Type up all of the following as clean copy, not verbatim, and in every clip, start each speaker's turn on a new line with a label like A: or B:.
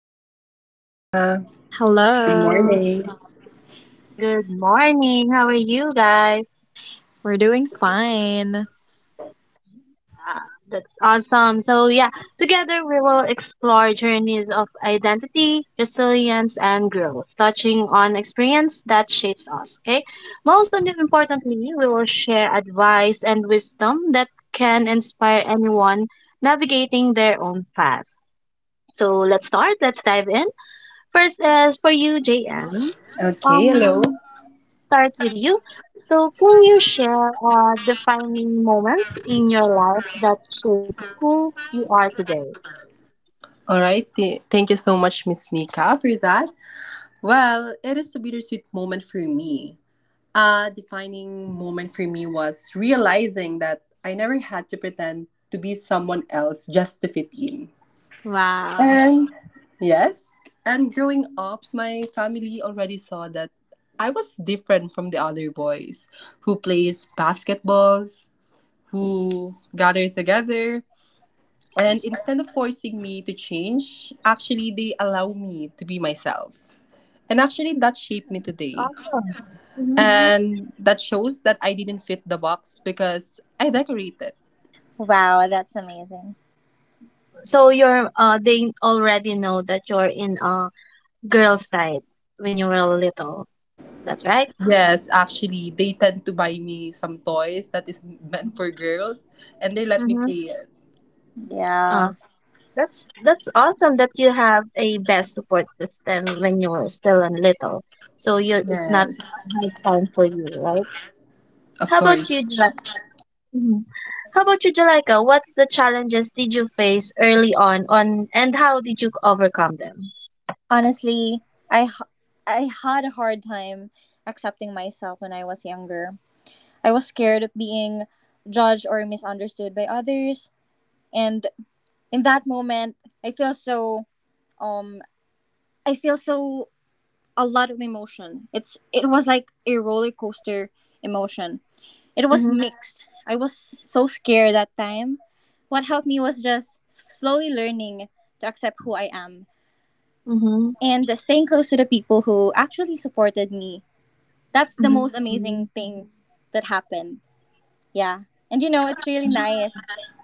A: Hello,
B: Hello, Miss
A: welcome.
B: Nika. Good
C: Hello.
B: morning.
A: Good morning. How are you guys?
C: We're doing fine.
A: Ah, that's awesome. So, yeah, together we will explore journeys of identity, resilience, and growth, touching on experience that shapes us. Okay. Most and importantly, we will share advice and wisdom that can inspire anyone navigating their own path. So, let's start. Let's dive in. First is for you, JM.
B: Okay, hello.
A: Um, start with you. So, can you share defining moments in your life that shape who you are today?
B: All right. Thank you so much, Miss Nika, for that. Well, it is a bittersweet moment for me. A defining moment for me was realizing that I never had to pretend to be someone else just to fit in.
C: Wow.
B: And yes, and growing up, my family already saw that I was different from the other boys who plays basketballs, who gather together, and instead of forcing me to change, actually, they allow me to be myself. And actually, that shaped me today.
A: Awesome. Hmm.
B: And that shows that I didn't fit the box because I decorated.
C: Wow, that's amazing.
A: So you're they already know that you're in a girl side when you were little. Is that right?
B: Yes, actually, they tend to buy me some toys that is meant for girls and they let me
A: Mm-hmm.
B: play it.
A: Uh,
C: Yeah.
A: that's awesome that you have a best support system when you were still and little. So you're it's not
B: Yes,
A: a hard time for you, right?
B: of
A: How
B: course.
A: about you, Jai? Mhm. How about you, Jalaika? What's the challenges did you face early on, and how did you overcome them?
C: Honestly, I h- I had a hard time accepting myself when I was younger. I was scared of being judged or misunderstood by others, and in that moment, I feel so um I feel so a lot of emotion. It was like a roller coaster emotion. It was
A: Mm-hmm.
C: mixed. I was so scared that time. What helped me was just slowly learning to accept who I am
A: Mm-hmm.
C: and staying close to the people who actually supported me. That's the
A: Mm-hmm.
C: most amazing thing that happened. Yeah. And you know, it's
A: Mm-hmm.
C: really nice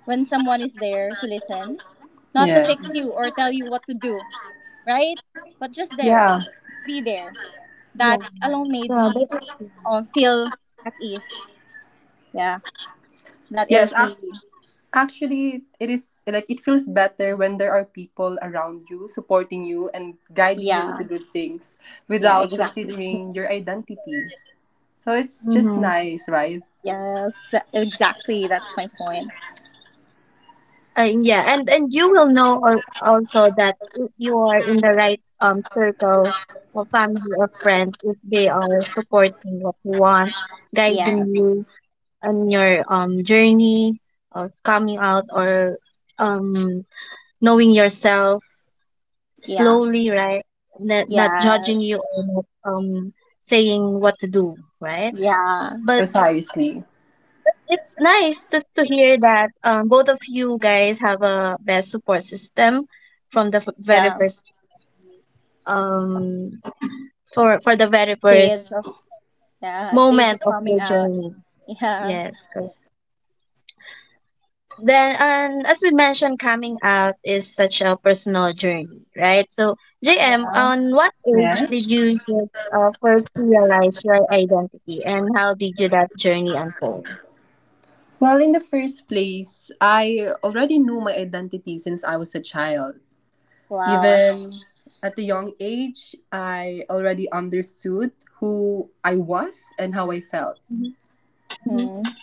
C: when someone is there to listen, not to fix you
B: Yes.
C: or tell you what to do, right? But just there,
B: Yeah.
C: just be there.
A: Yeah.
C: That alone
A: Yeah,
C: made
A: that is
C: me
A: true.
C: feel at ease. Yeah. That
B: Yes,
C: is
B: ac-
C: the,
B: Actually, it is like it feels better when there are people around you supporting you and guiding you
C: yeah.
B: into good things
C: Yeah,
B: without
C: exactly.
B: considering your identity. So it's just
A: Mm-hmm.
B: nice, right?
C: Yes, that, exactly. That's my point.
A: Yeah, and you will know also that if you are in the right circle of family or friends, if they are supporting what you want, guiding
C: Yes.
A: you on your journey of coming out or um knowing yourself
C: Yeah.
A: slowly, right? Not judging
C: Yes.
A: you, or not saying what to do, right?
C: Yeah.
A: But
B: Precisely.
A: it's nice to hear that both of you guys have a best support system from the very
C: Yeah.
A: first, um for the very
C: Stage
A: first
C: of, yeah, stage
A: moment
C: of
A: of your
C: coming out.
A: journey.
C: Yeah.
A: Yes, correct. Then, and as we mentioned, coming out is such a personal journey, right? So JM,
C: Yeah.
A: on what age did
B: Yes.
A: you just first realize your identity and how did you that journey unfold?
B: Well, in the first place, I already knew my identity since I was a child.
C: Wow.
B: Even at a young age, I already understood who I was and how I felt.
A: Mm-hmm.
C: Hmm.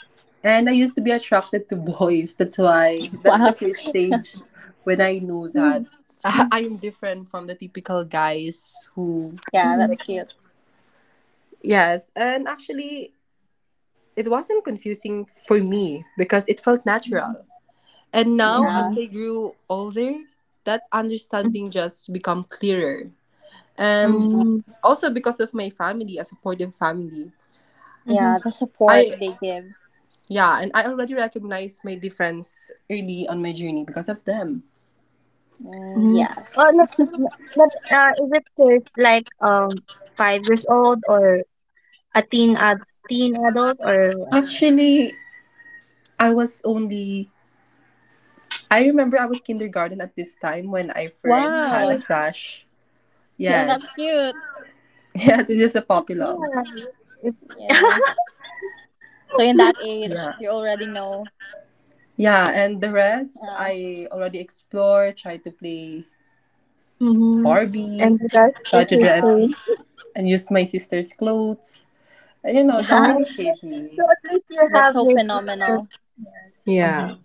B: And I used to be attracted to boys. That's why that's the
C: Wow.
B: first stage when I knew
A: Mm-hmm.
B: that I'm different from the typical guys who
C: Yeah,
A: Mm-hmm.
C: that's
B: like
C: cute.
B: yes. And actually it wasn't confusing for me because it felt natural. And now
C: Yeah.
B: as I grew older, that understanding just become clearer. And
A: Mm-hmm.
B: also because of my family, a supportive family.
A: Mhm,
C: Yeah, the
B: I
C: support they give.
B: yeah, and I already recognized my difference early on my journey because of them.
C: Mm,
A: mhm. Oh,
C: yes.
A: not, is it kids like 5 years old or a teen adult or what?
B: Actually, I was only I remember I was kindergarten at this time when I first had a
C: Wow.
A: Mhm,
B: crush.
C: Yeah,
B: Yes.
C: that's cute.
B: Yes, it's just a puppy love.
A: yeah, it-
C: Yeah. So in that
A: that's
C: age,
B: Yeah.
C: you already know.
B: Yeah, and the rest
C: Yeah.
B: I already explored, tried to play
A: mm-hmm.
B: Barbie,
A: And that's the
B: tried to
C: Wow.
B: dress
A: history.
B: and use my sister's clothes. And, you know, that
C: Yeah.
A: Oh,
B: really shaped
A: so
B: me.
A: at least you
C: That's
A: have
C: so
A: your sister.
C: phenomenal.
A: Yeah.
B: Yeah.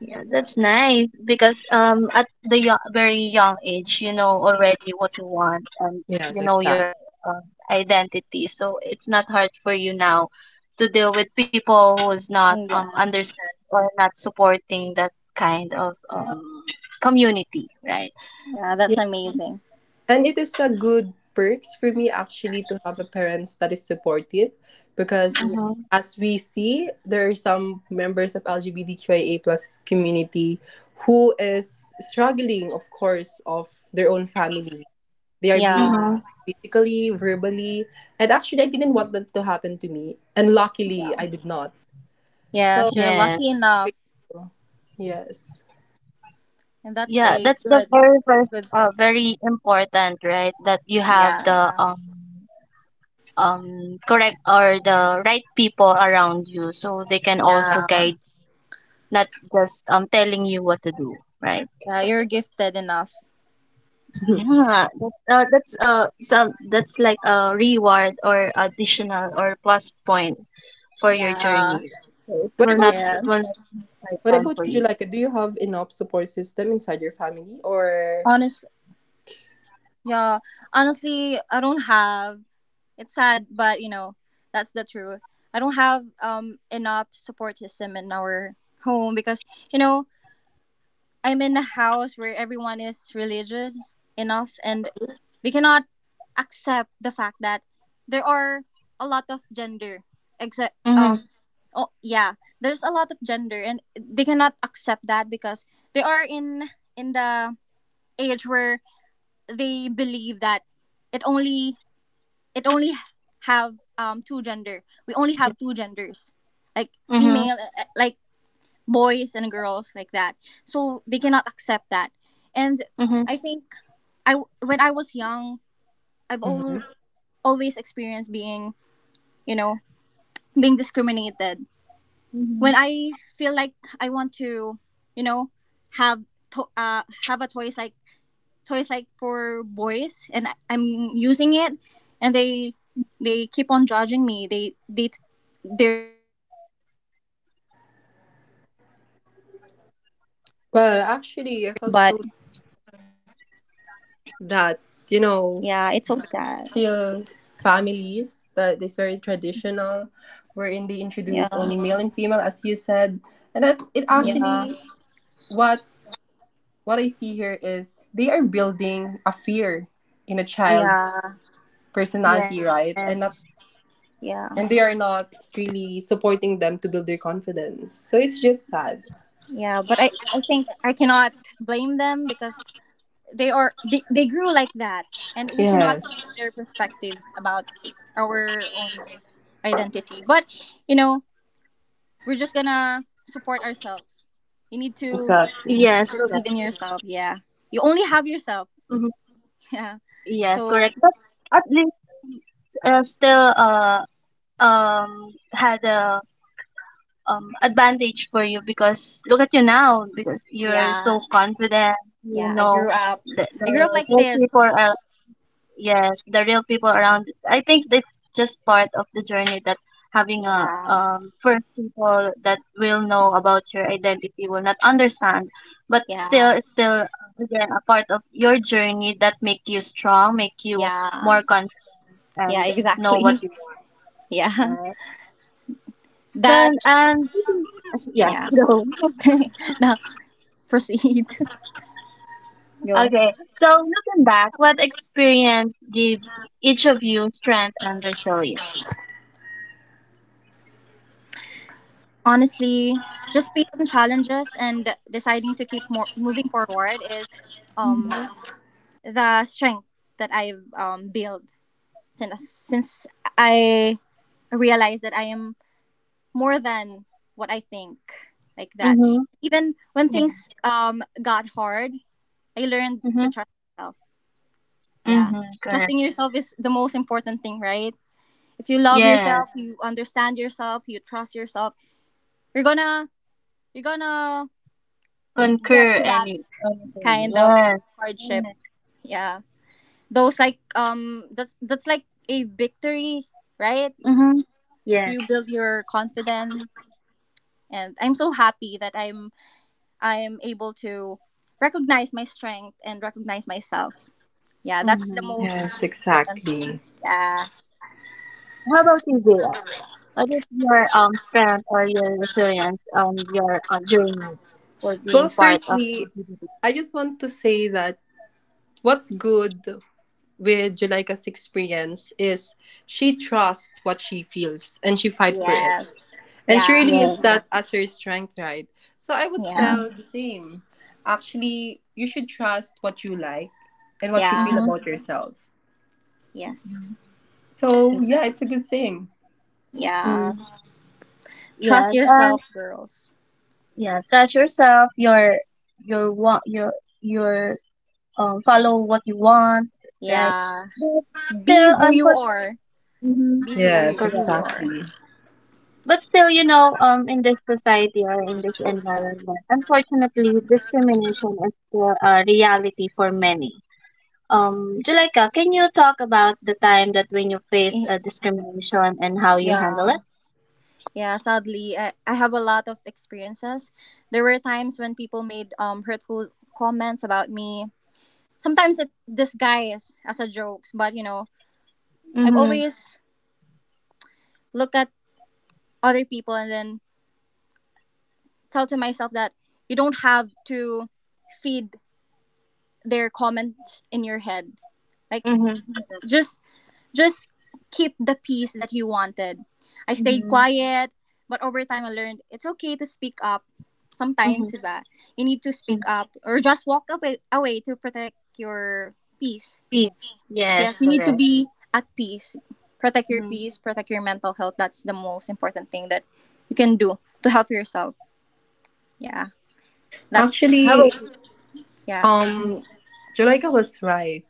A: Yeah, that's nice because at the very young age, you know already what you want and you
B: Yes,
A: know your
B: exactly.
A: um, identity. So it's not hard for you now to deal with people who's not
C: Mm, yeah.
A: understand or not supporting that kind of community, right?
C: Yeah, that's amazing.
B: And it is a good perks for me actually to have a parents that is supportive because
A: Mhm.
B: as we see there are some members of LGBTQIA plus community who is struggling of course of their own family. They are being
A: Mhm.
C: Yeah,
B: physically, verbally and actually I didn't want that to happen to me. And luckily
C: yeah.
B: I did not. So
C: Yes, you're
A: Yeah.
C: lucky enough,
B: grateful. Yes.
C: and that's
A: Yeah,
C: a
A: that's the
C: good
A: very first,
C: good thing.
A: very important, right? That you have
C: Yeah,
A: the um um correct or the right people around you, so they can also
C: yeah,
A: guide, not just telling you what to do, right?
C: yeah. You're gifted enough.
A: Yeah, that's like a reward or additional or plus points for your
C: Yeah.
A: journey, right? So it
B: what
A: will
B: about
A: not
C: Yes.
A: take
B: what
A: time
B: about
A: for
B: you,
A: you.
B: Julika? Do you have enough support system inside your family or
C: Honest. Yeah. Honestly, I don't have. It's sad, but you know, that's the truth. I don't have enough support system in our home because you know I'm in a house where everyone is religious enough and they cannot accept the fact that there are a lot of gender except um
A: Mm-hmm,
C: oh yeah there's a lot of gender and they cannot accept that because they are in the age where they believe that it only it only have two gender, we only have two genders like
A: mm-hmm,
C: female like boys and girls like that. So they cannot accept that. And
A: mm-hmm,
C: I think I when I was young, I've
B: Mhm.
C: al- always experienced being, you know, being discriminated.
A: mm-hmm,
C: When I feel like I want to, you know, have have a toys like for boys, and I'm using it, and they keep on judging me. They
B: Well, actually, I felt
C: But
B: so that you know,
C: yeah, it's so sad.
B: still families that is very traditional, wherein they introduce
C: Yeah,
B: only male and female, as you said, and that it
C: yeah,
B: actually
A: mm-hmm.
B: what what I see here is they are building a fear in a child's
C: yeah,
B: personality, right? And
A: Yes,
B: not
C: yeah,
B: and they are not really supporting them to build their confidence. So it's just sad.
C: yeah. But I think I cannot blame them because they grew like that, and we cannot change
B: Yes,
C: their perspective about our own identity. But you know, we're just gonna support ourselves. You need to
B: exactly.
A: yes,
C: believe
A: correct.
C: in yourself. Yeah, you only have yourself.
A: Mm-hmm.
C: Yeah.
A: Yes,
C: So
A: correct, but at least, still um had a, advantage for you, because look at you now, because you're
C: yeah,
A: so confident, you
C: yeah. I
A: know,
C: grew up.
A: the,
C: I
A: the
C: grew up like
A: real
C: this.
A: people are, yes, the real people around, I think, that's just part of the journey, that having a,
C: Yeah,
A: first people that will know about your identity will not understand, but still
C: yeah,
A: it's still again a part of your journey that make you strong, make you
C: yeah.
A: more confident, and
C: Yeah,
A: know what
C: exactly.
A: you want,
C: Yeah.
A: right? So,
C: That,
A: and yeah
C: yeah.
A: no.
C: Now, proceed. Go.
A: Okay, so looking back, what experience gave each of you strength and resilience?
C: Honestly, just facing challenges and deciding to keep more, moving forward is um
A: Mm-hmm.
C: the strength that I've built since I realized that I am more than what I think like that.
A: Mm-hmm.
C: Even when
A: Yeah.
C: things got hard, I learned
A: Mm-hmm.
C: to trust myself. Yeah.
A: Mm-hmm. Correct.
C: Trusting yourself is the most important thing, right? If you love
A: Yes.
C: yourself, you understand yourself, you trust yourself, you're gonna you're gonna
A: Concur
C: get to that
A: any anything.
C: kind of
A: Yes.
C: hardship.
A: Mm-hmm.
C: Yeah. Those like that's like a victory, right?
A: Mm-hmm.
C: If
A: Yes.
C: you build your confidence and I'm so happy that I'm able to recognize my strength and recognize myself. Yeah, that's the
A: Mm-hmm.
B: Yes,
C: most important.
B: exactly.
C: Yeah.
A: How about you, Gia? What is your strength or your resilience on your journey for
B: Well,
A: being part of
B: firstly,
A: LGBT?
B: I just want to say that what's good with Julika's experience is she trusts what she feels and she fight for it.
C: Yes.
B: And she
C: Yeah,
B: really
A: Yes.
B: used that
C: exactly.
B: as her strength, right? So I would
C: Yeah.
A: Mm-hmm.
B: tell the same. Actually, you should trust what you like and what you feel
C: Yeah.
A: Mm-hmm.
B: about yourself.
A: Mm-hmm.
C: Yes.
B: So yeah, it's a
C: Exactly.
B: good thing.
A: Mm,
C: Yeah. Trust
A: yes.
C: yourself, girls.
A: Yeah, trust yourself, your want, your follow what you want, right?
C: Yeah.
A: But
C: Be
A: still,
C: who you are.
A: unfortunately,
C: Be
B: Yes,
C: who
A: correct,
C: you are.
B: exactly.
A: but still, you know, in this society or in this environment, unfortunately, discrimination is still a reality for many. Julika, can you talk about the time that when you face
C: Eh,
A: a discrimination and how you handle
C: yeah.
A: it?
C: Yeah, sadly, I have a lot of experiences. There were times when people made hurtful comments about me. Sometimes it disguised as a jokes, but you know, I've
A: Mm-hmm,
C: always look at other people and then tell to myself that you don't have to feed their comments in your head. Like
A: mm-hmm,
C: just just keep the peace that he wanted. I stayed
A: mm-hmm,
C: quiet, but over time I learned it's okay to speak up.
A: mm-hmm.
C: Sometimes, diba? You need to speak up or just walk away, away to protect your peace.
A: Yes,
C: Yes, you need to
A: correct.
C: be at peace. Protect your
A: Mm-hmm.
C: peace, protect your mental health. That's the most important thing that you can do to help yourself. Yeah. That's,
A: How about
B: Actually,
C: yeah.
B: um, Julika was right.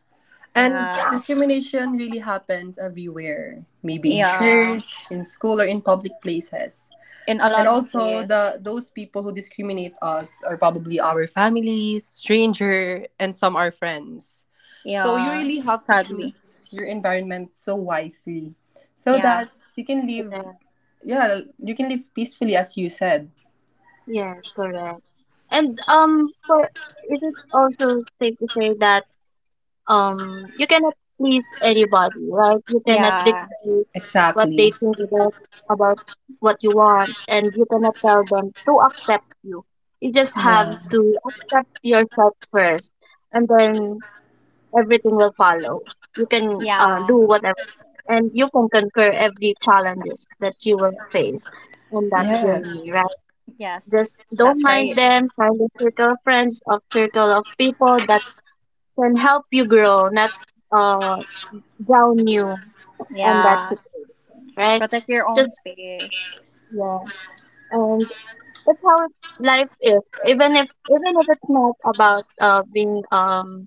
B: And
C: Yeah.
B: discrimination really happens everywhere, maybe in
C: Yeah.
B: church, in school, or in public places.
C: In a
B: And
C: lot of
B: also,
C: places.
B: the those people who discriminate us are probably our families, stranger, and some our friends. So you
C: Yeah.
B: really have to
C: Sadly.
B: choose your environment so wisely, so
C: Yeah.
B: that you can live.
A: you?
B: Yeah, you can live peacefully, as you said.
A: Yes, correct. And um for is it is also safe to say that you cannot please anybody, right? You cannot
C: Yeah.
A: dictate what they
B: Exactly.
A: think about what you want, and you cannot tell them to accept you. You just have
B: Yeah.
A: to accept yourself first, and then everything will follow. You can, do
C: Yeah.
A: whatever, and you can conquer every challenges that you will face on that journey,
B: Yes.
A: right?
C: Yes,
A: Just don't
C: that's
A: mind
C: right.
A: them. Find a circle of friends, of circle of people that can help you grow, not uh drown you on that
C: Yeah,
A: situation, right?
C: protect your
A: It's
C: own
A: just,
C: space.
A: yeah, and that's how life is. Even if it's not about being,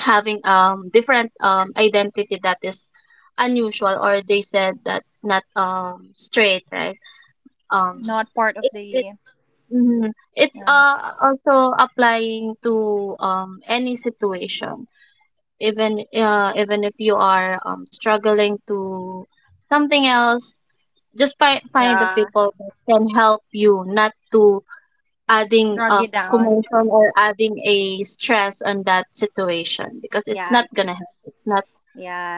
A: having different identity that is unusual, or they said that not straight, right? Um,
C: Not part of
A: it,
C: the,
A: Mhm. It's,
C: yeah,
A: also applying to, any situation. Even if you are, struggling to something else, just find the
C: yeah,
A: people that can help you, not to adding
C: drag
A: a
C: you down.
A: commotion or adding a stress on that situation, because it's
C: Yeah,
A: not gonna help. It's not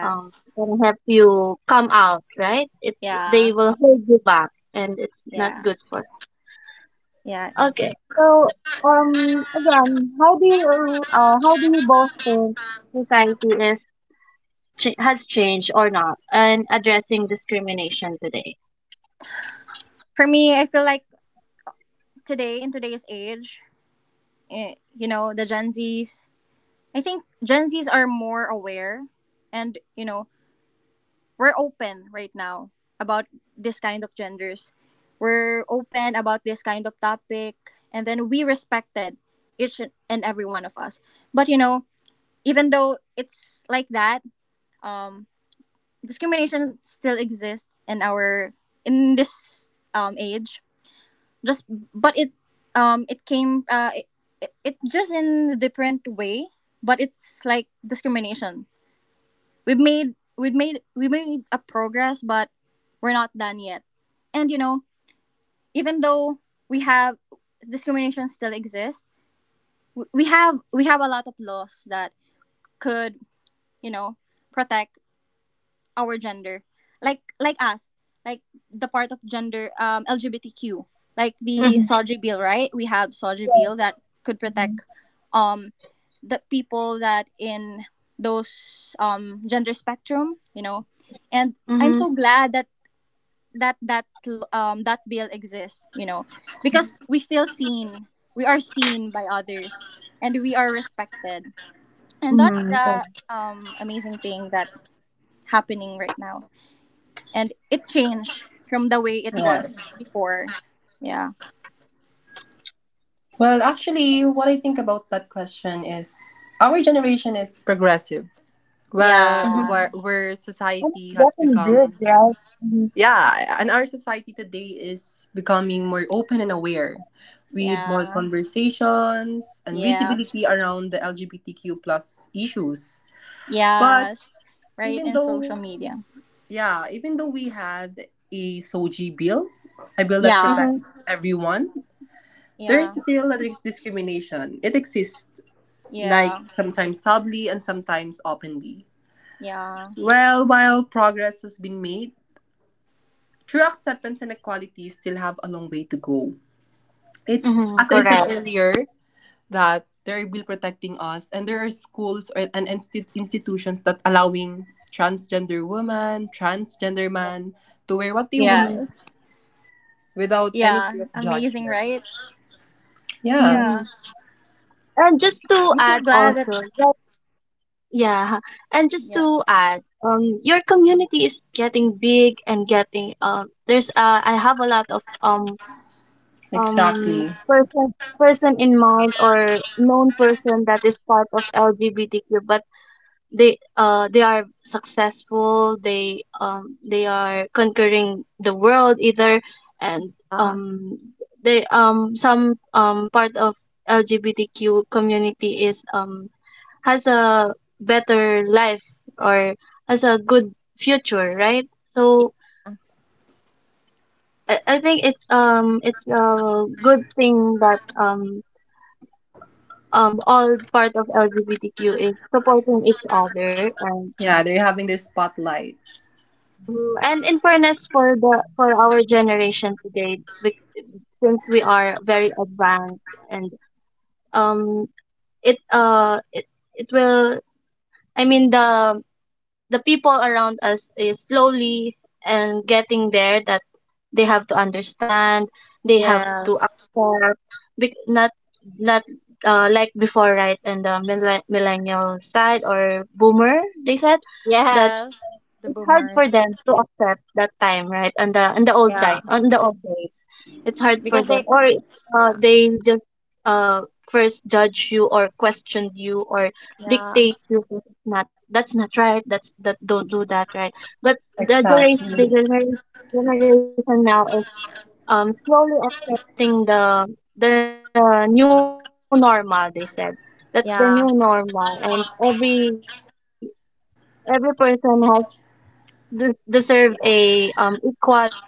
A: gonna help you come out, right? They
C: yeah,
A: will hold you back, and it's not
C: yeah,
A: good for.
C: yeah.
A: Okay. So, again, how do you, both think society is has changed or not in addressing discrimination today?
C: For me, I feel like today in today's age, eh, you know, the Gen Zs. I think Gen Zs are more aware, and you know we're open right now about this kind of genders. We're open about this kind of topic, and then we respected each and every one of us. But you know, even though it's like that, um, discrimination still exists in our in this age. Just but it it came it, it, it just in a different way, but it's like discrimination, we made a progress but we're not done yet and you know even though we have discrimination still exists we have a lot of laws that could you know protect our gender like us like the part of gender LGBTQ like the
A: Mm-hmm.
C: soji bill, right? We have soji bill that could
A: Mm-hmm.
C: protect um the people that in those gender spectrum, you know, and I'm
A: Mm-hmm.
C: so glad that that bill exists, you know, because we feel seen, we are seen by others and we are respected and that's
A: Mm-hmm.
C: the
A: Correct.
C: amazing thing that happening right now and it changed from the way it was
B: Yes.
C: before. Yeah,
B: Well, actually, what I think about that question is our generation is progressive, where
A: Mm-hmm.
C: yeah,
B: where, where
A: And
B: society
A: it's
B: has
A: getting
B: become
A: big, right? Mhm.
B: yeah, and our society today is becoming more open and aware, with more
C: yeah.
B: conversations and
C: Yes,
B: visibility around the LGBTQ plus issues. But
C: yes, right
B: even
C: in social
B: though
C: media.
B: yeah, even though we had a SOGI bill, a bill that
C: Yeah.
A: Mm-hmm. Mm-hmm.
B: protects everyone, there's
C: Yeah,
B: still a discrimination. It exists like
C: yeah,
B: sometimes subtly and sometimes openly.
C: yeah.
B: Well, while progress has been made, true acceptance and equality still have a long way to go. It's,
A: Mm-hmm.
B: as I said
A: Correct.
B: earlier, that there are bill protecting us, and there are schools or, and institutions that allowing transgender woman, transgender man to wear what they want
A: Mm-hmm.
D: Yes.
B: without any fear
D: Yeah.
B: of
D: Amazing,
B: judgment.
D: right?
B: Yeah,
A: Mm.
D: Yeah.
A: And just to
D: I'm so
A: add
D: glad that,
A: also, that, yeah, and just
D: yeah.
A: to add, your community is getting big and getting. There's, I have a lot of um um
B: exactly.
A: person person in mind or known person that is part of LGBTQ, but they are successful, they are conquering the world either, and
D: Ah.
A: um they um some part of LGBTQ community is um has a better life or has a good future, right? So I think it's a good thing that um um all part of LGBTQ is supporting each other. And
B: Yeah, they're having their spotlights.
A: And in fairness for the for our generation today, since we are very advanced, and um it uh it, it will, I mean, the people around us is slowly and getting there, that they have to understand, they have to
D: Yes.
A: accept, not, not like before, right? And the millennial side or boomer, they said that
D: Yes. The
A: it's hard for
D: boomers.
A: them to accept that time, right? On the
D: Yeah.
A: old days, it's hard
D: Because
A: for
D: they,
A: them, or
D: yeah.
A: they just uh first judge you or question you or
D: Yeah.
A: dictate you. "This is Not, that's not right. That don't do that, right?" But the
B: Exactly.
A: generation now is slowly accepting the new normal. They said that's the new normal, and
D: Yeah.
A: every person has deserve a equal um
D: Yeah.
A: be corporate,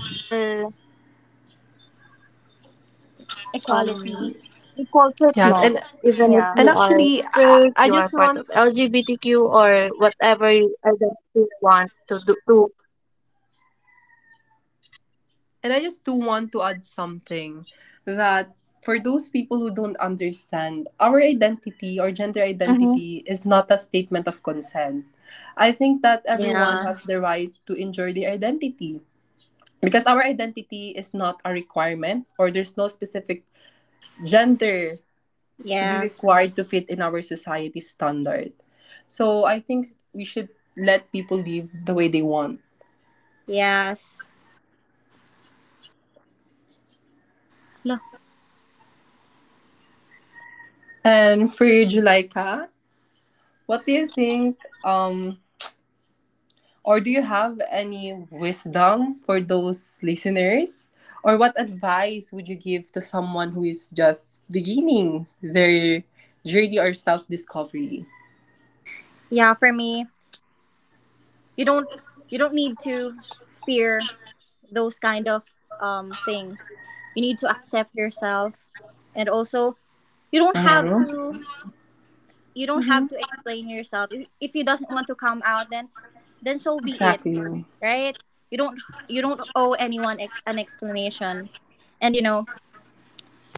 A: even if you are straight, you are part of LGBTQ or whatever
D: Equality.
A: identity you want
B: Yes, and
A: to do to
D: Yeah.
B: And
A: have,
B: actually, I just want, and I just do want to add something that
A: right?
B: for those people who don't understand, our identity or gender identity is not a statement of consent. I think that everyone
D: Yeah.
B: has the right to enjoy their identity because our identity is not a requirement or there's no specific gender to be
D: Yes.
B: required to fit in our society standard. So I think we should let people live the way they want.
D: Yes. No.
B: And for you, Julika, what do you think, or do you have any wisdom for those listeners? Or what advice would you give to someone who is just beginning their journey or self discovery?
D: Yeah, for me, you don't you don't need to fear those kind of things. You need to accept yourself, and also you don't have
B: Mhm.
D: to you don't
A: Mm-hmm.
D: have to explain yourself. If you doesn't want to come out, then so be it,
B: Exactly.
D: right? You don't you don't owe anyone an explanation, and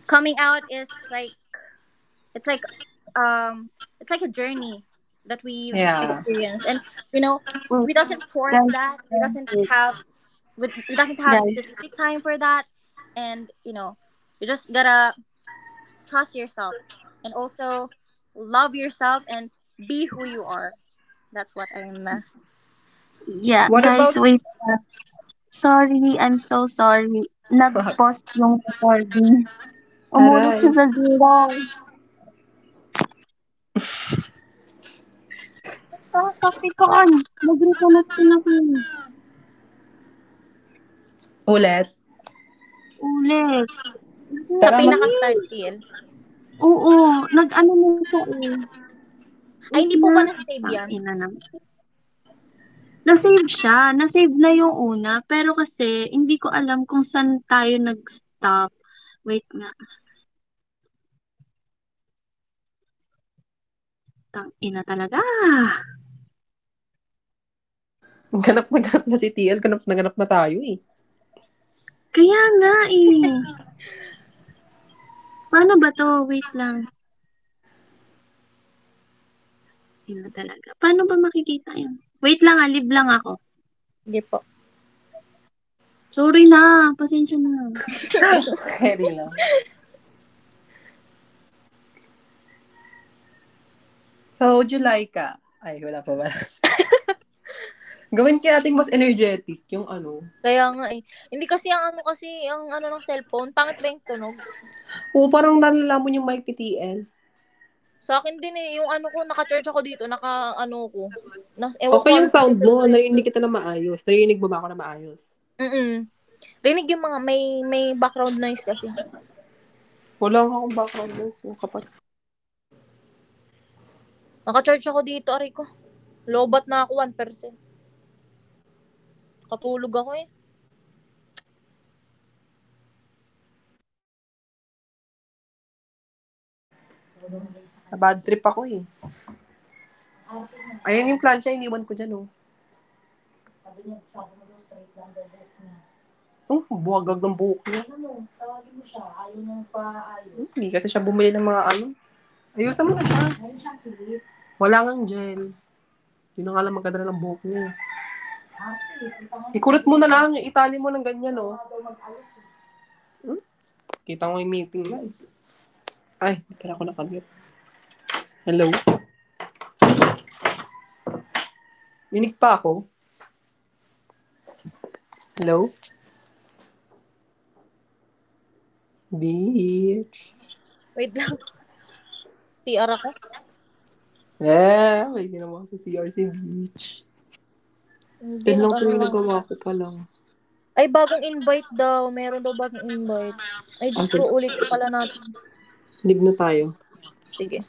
D: coming out is like it's like um it's like a journey that we've
B: Yeah.
D: experienced, and you know
A: Wait,
D: we doesn't force
A: guys,
D: that. We
A: guys,
D: doesn't
A: wait,
D: have we, we doesn't have
A: guys.
D: specific time for that, and you just gotta trust yourself and also love yourself and be who you are. That's what I'm,
A: Yeah,
B: What
A: guys,
B: about.
A: wait. Sorry, I'm so sorry. Nag-pause yung recording. Umulot
B: Aray.
A: siya sa zero. Kakapikan! Nag-reconnect na siya.
B: Ulit.
A: Ulit.
D: sa
B: Tara, mas.
D: pinaka-start
A: Nakakainis.
D: TL.
A: Oo, nag-ano na siya eh.
D: Ay,
A: Wait
D: hindi po
A: na.
D: ba nasasave yan?
A: Tangina na. Na-save siya. Na-save na yung una. Pero kasi, hindi ko alam kung saan tayo nag-stop. Wait nga. Tangina talaga.
B: Ganap na si TL. Ganap na tayo eh.
A: Kaya nga eh. Paano ba 'to? Wait lang. Yun na talaga. Paano ba makikita 'yan? Wait lang, ah, leave lang ako.
D: Hindi po.
A: Sorry na, pasensya na.
B: Keri lang. So, July ka. Ay, wala pa ba? Gawin kaya natin mas energetic yung ano,
D: Kaya nga eh. Hindi kasi, ang ano ng cellphone, pangit ba yung tunog?
B: Oo, parang nalalaman yung mic ni TL.
D: Sa akin din eh, yung ano ko, naka-charge ako dito, naka ano ko. Na, ewan ko
B: Okay yung
D: anong
B: sound
D: position
B: mo.
D: to eh.
B: Narinig kita na maayos. Narinig mo ba ako na maayos?
D: Mm. Rinig yung mga, may background noise kasi.
B: Wala nga akong background noise. Yung kapat.
D: Naka-charge ako dito, aray ko. Lobat na ako, 1%. Katulog ako eh.
B: Nabad trip ako eh. Ayan yung plancha, iniwan ko dyan oh. Oh, buhagag ng buhok. Hmm, hindi kasi siya bumili ng mga ano. Ayusan mo na siya. Wala ngang gel. Yun na nga lang magkadala ng buhok niya. Eh. Ikulot mo na lang. Itali mo ng ganyan oh. Kita ko yung meeting na eh. Ay, hindi pala ako nakamute. Hello? Minig pa ako. Hello? Beach.
D: Wait lang, CR ako.
B: Eh, may ginawa sa CRC Beach.
D: Hindi,
B: Yun lang pala
D: nag-ano
B: yung
D: lang.
B: nagawa ko pa lang.
D: Ay, bagong invite daw. Meron daw bagong invite. Ay,
B: Ah,
D: Diyos ko,
B: sige.
D: ulitin pala natin.
B: Leave na tayo.
D: Sige.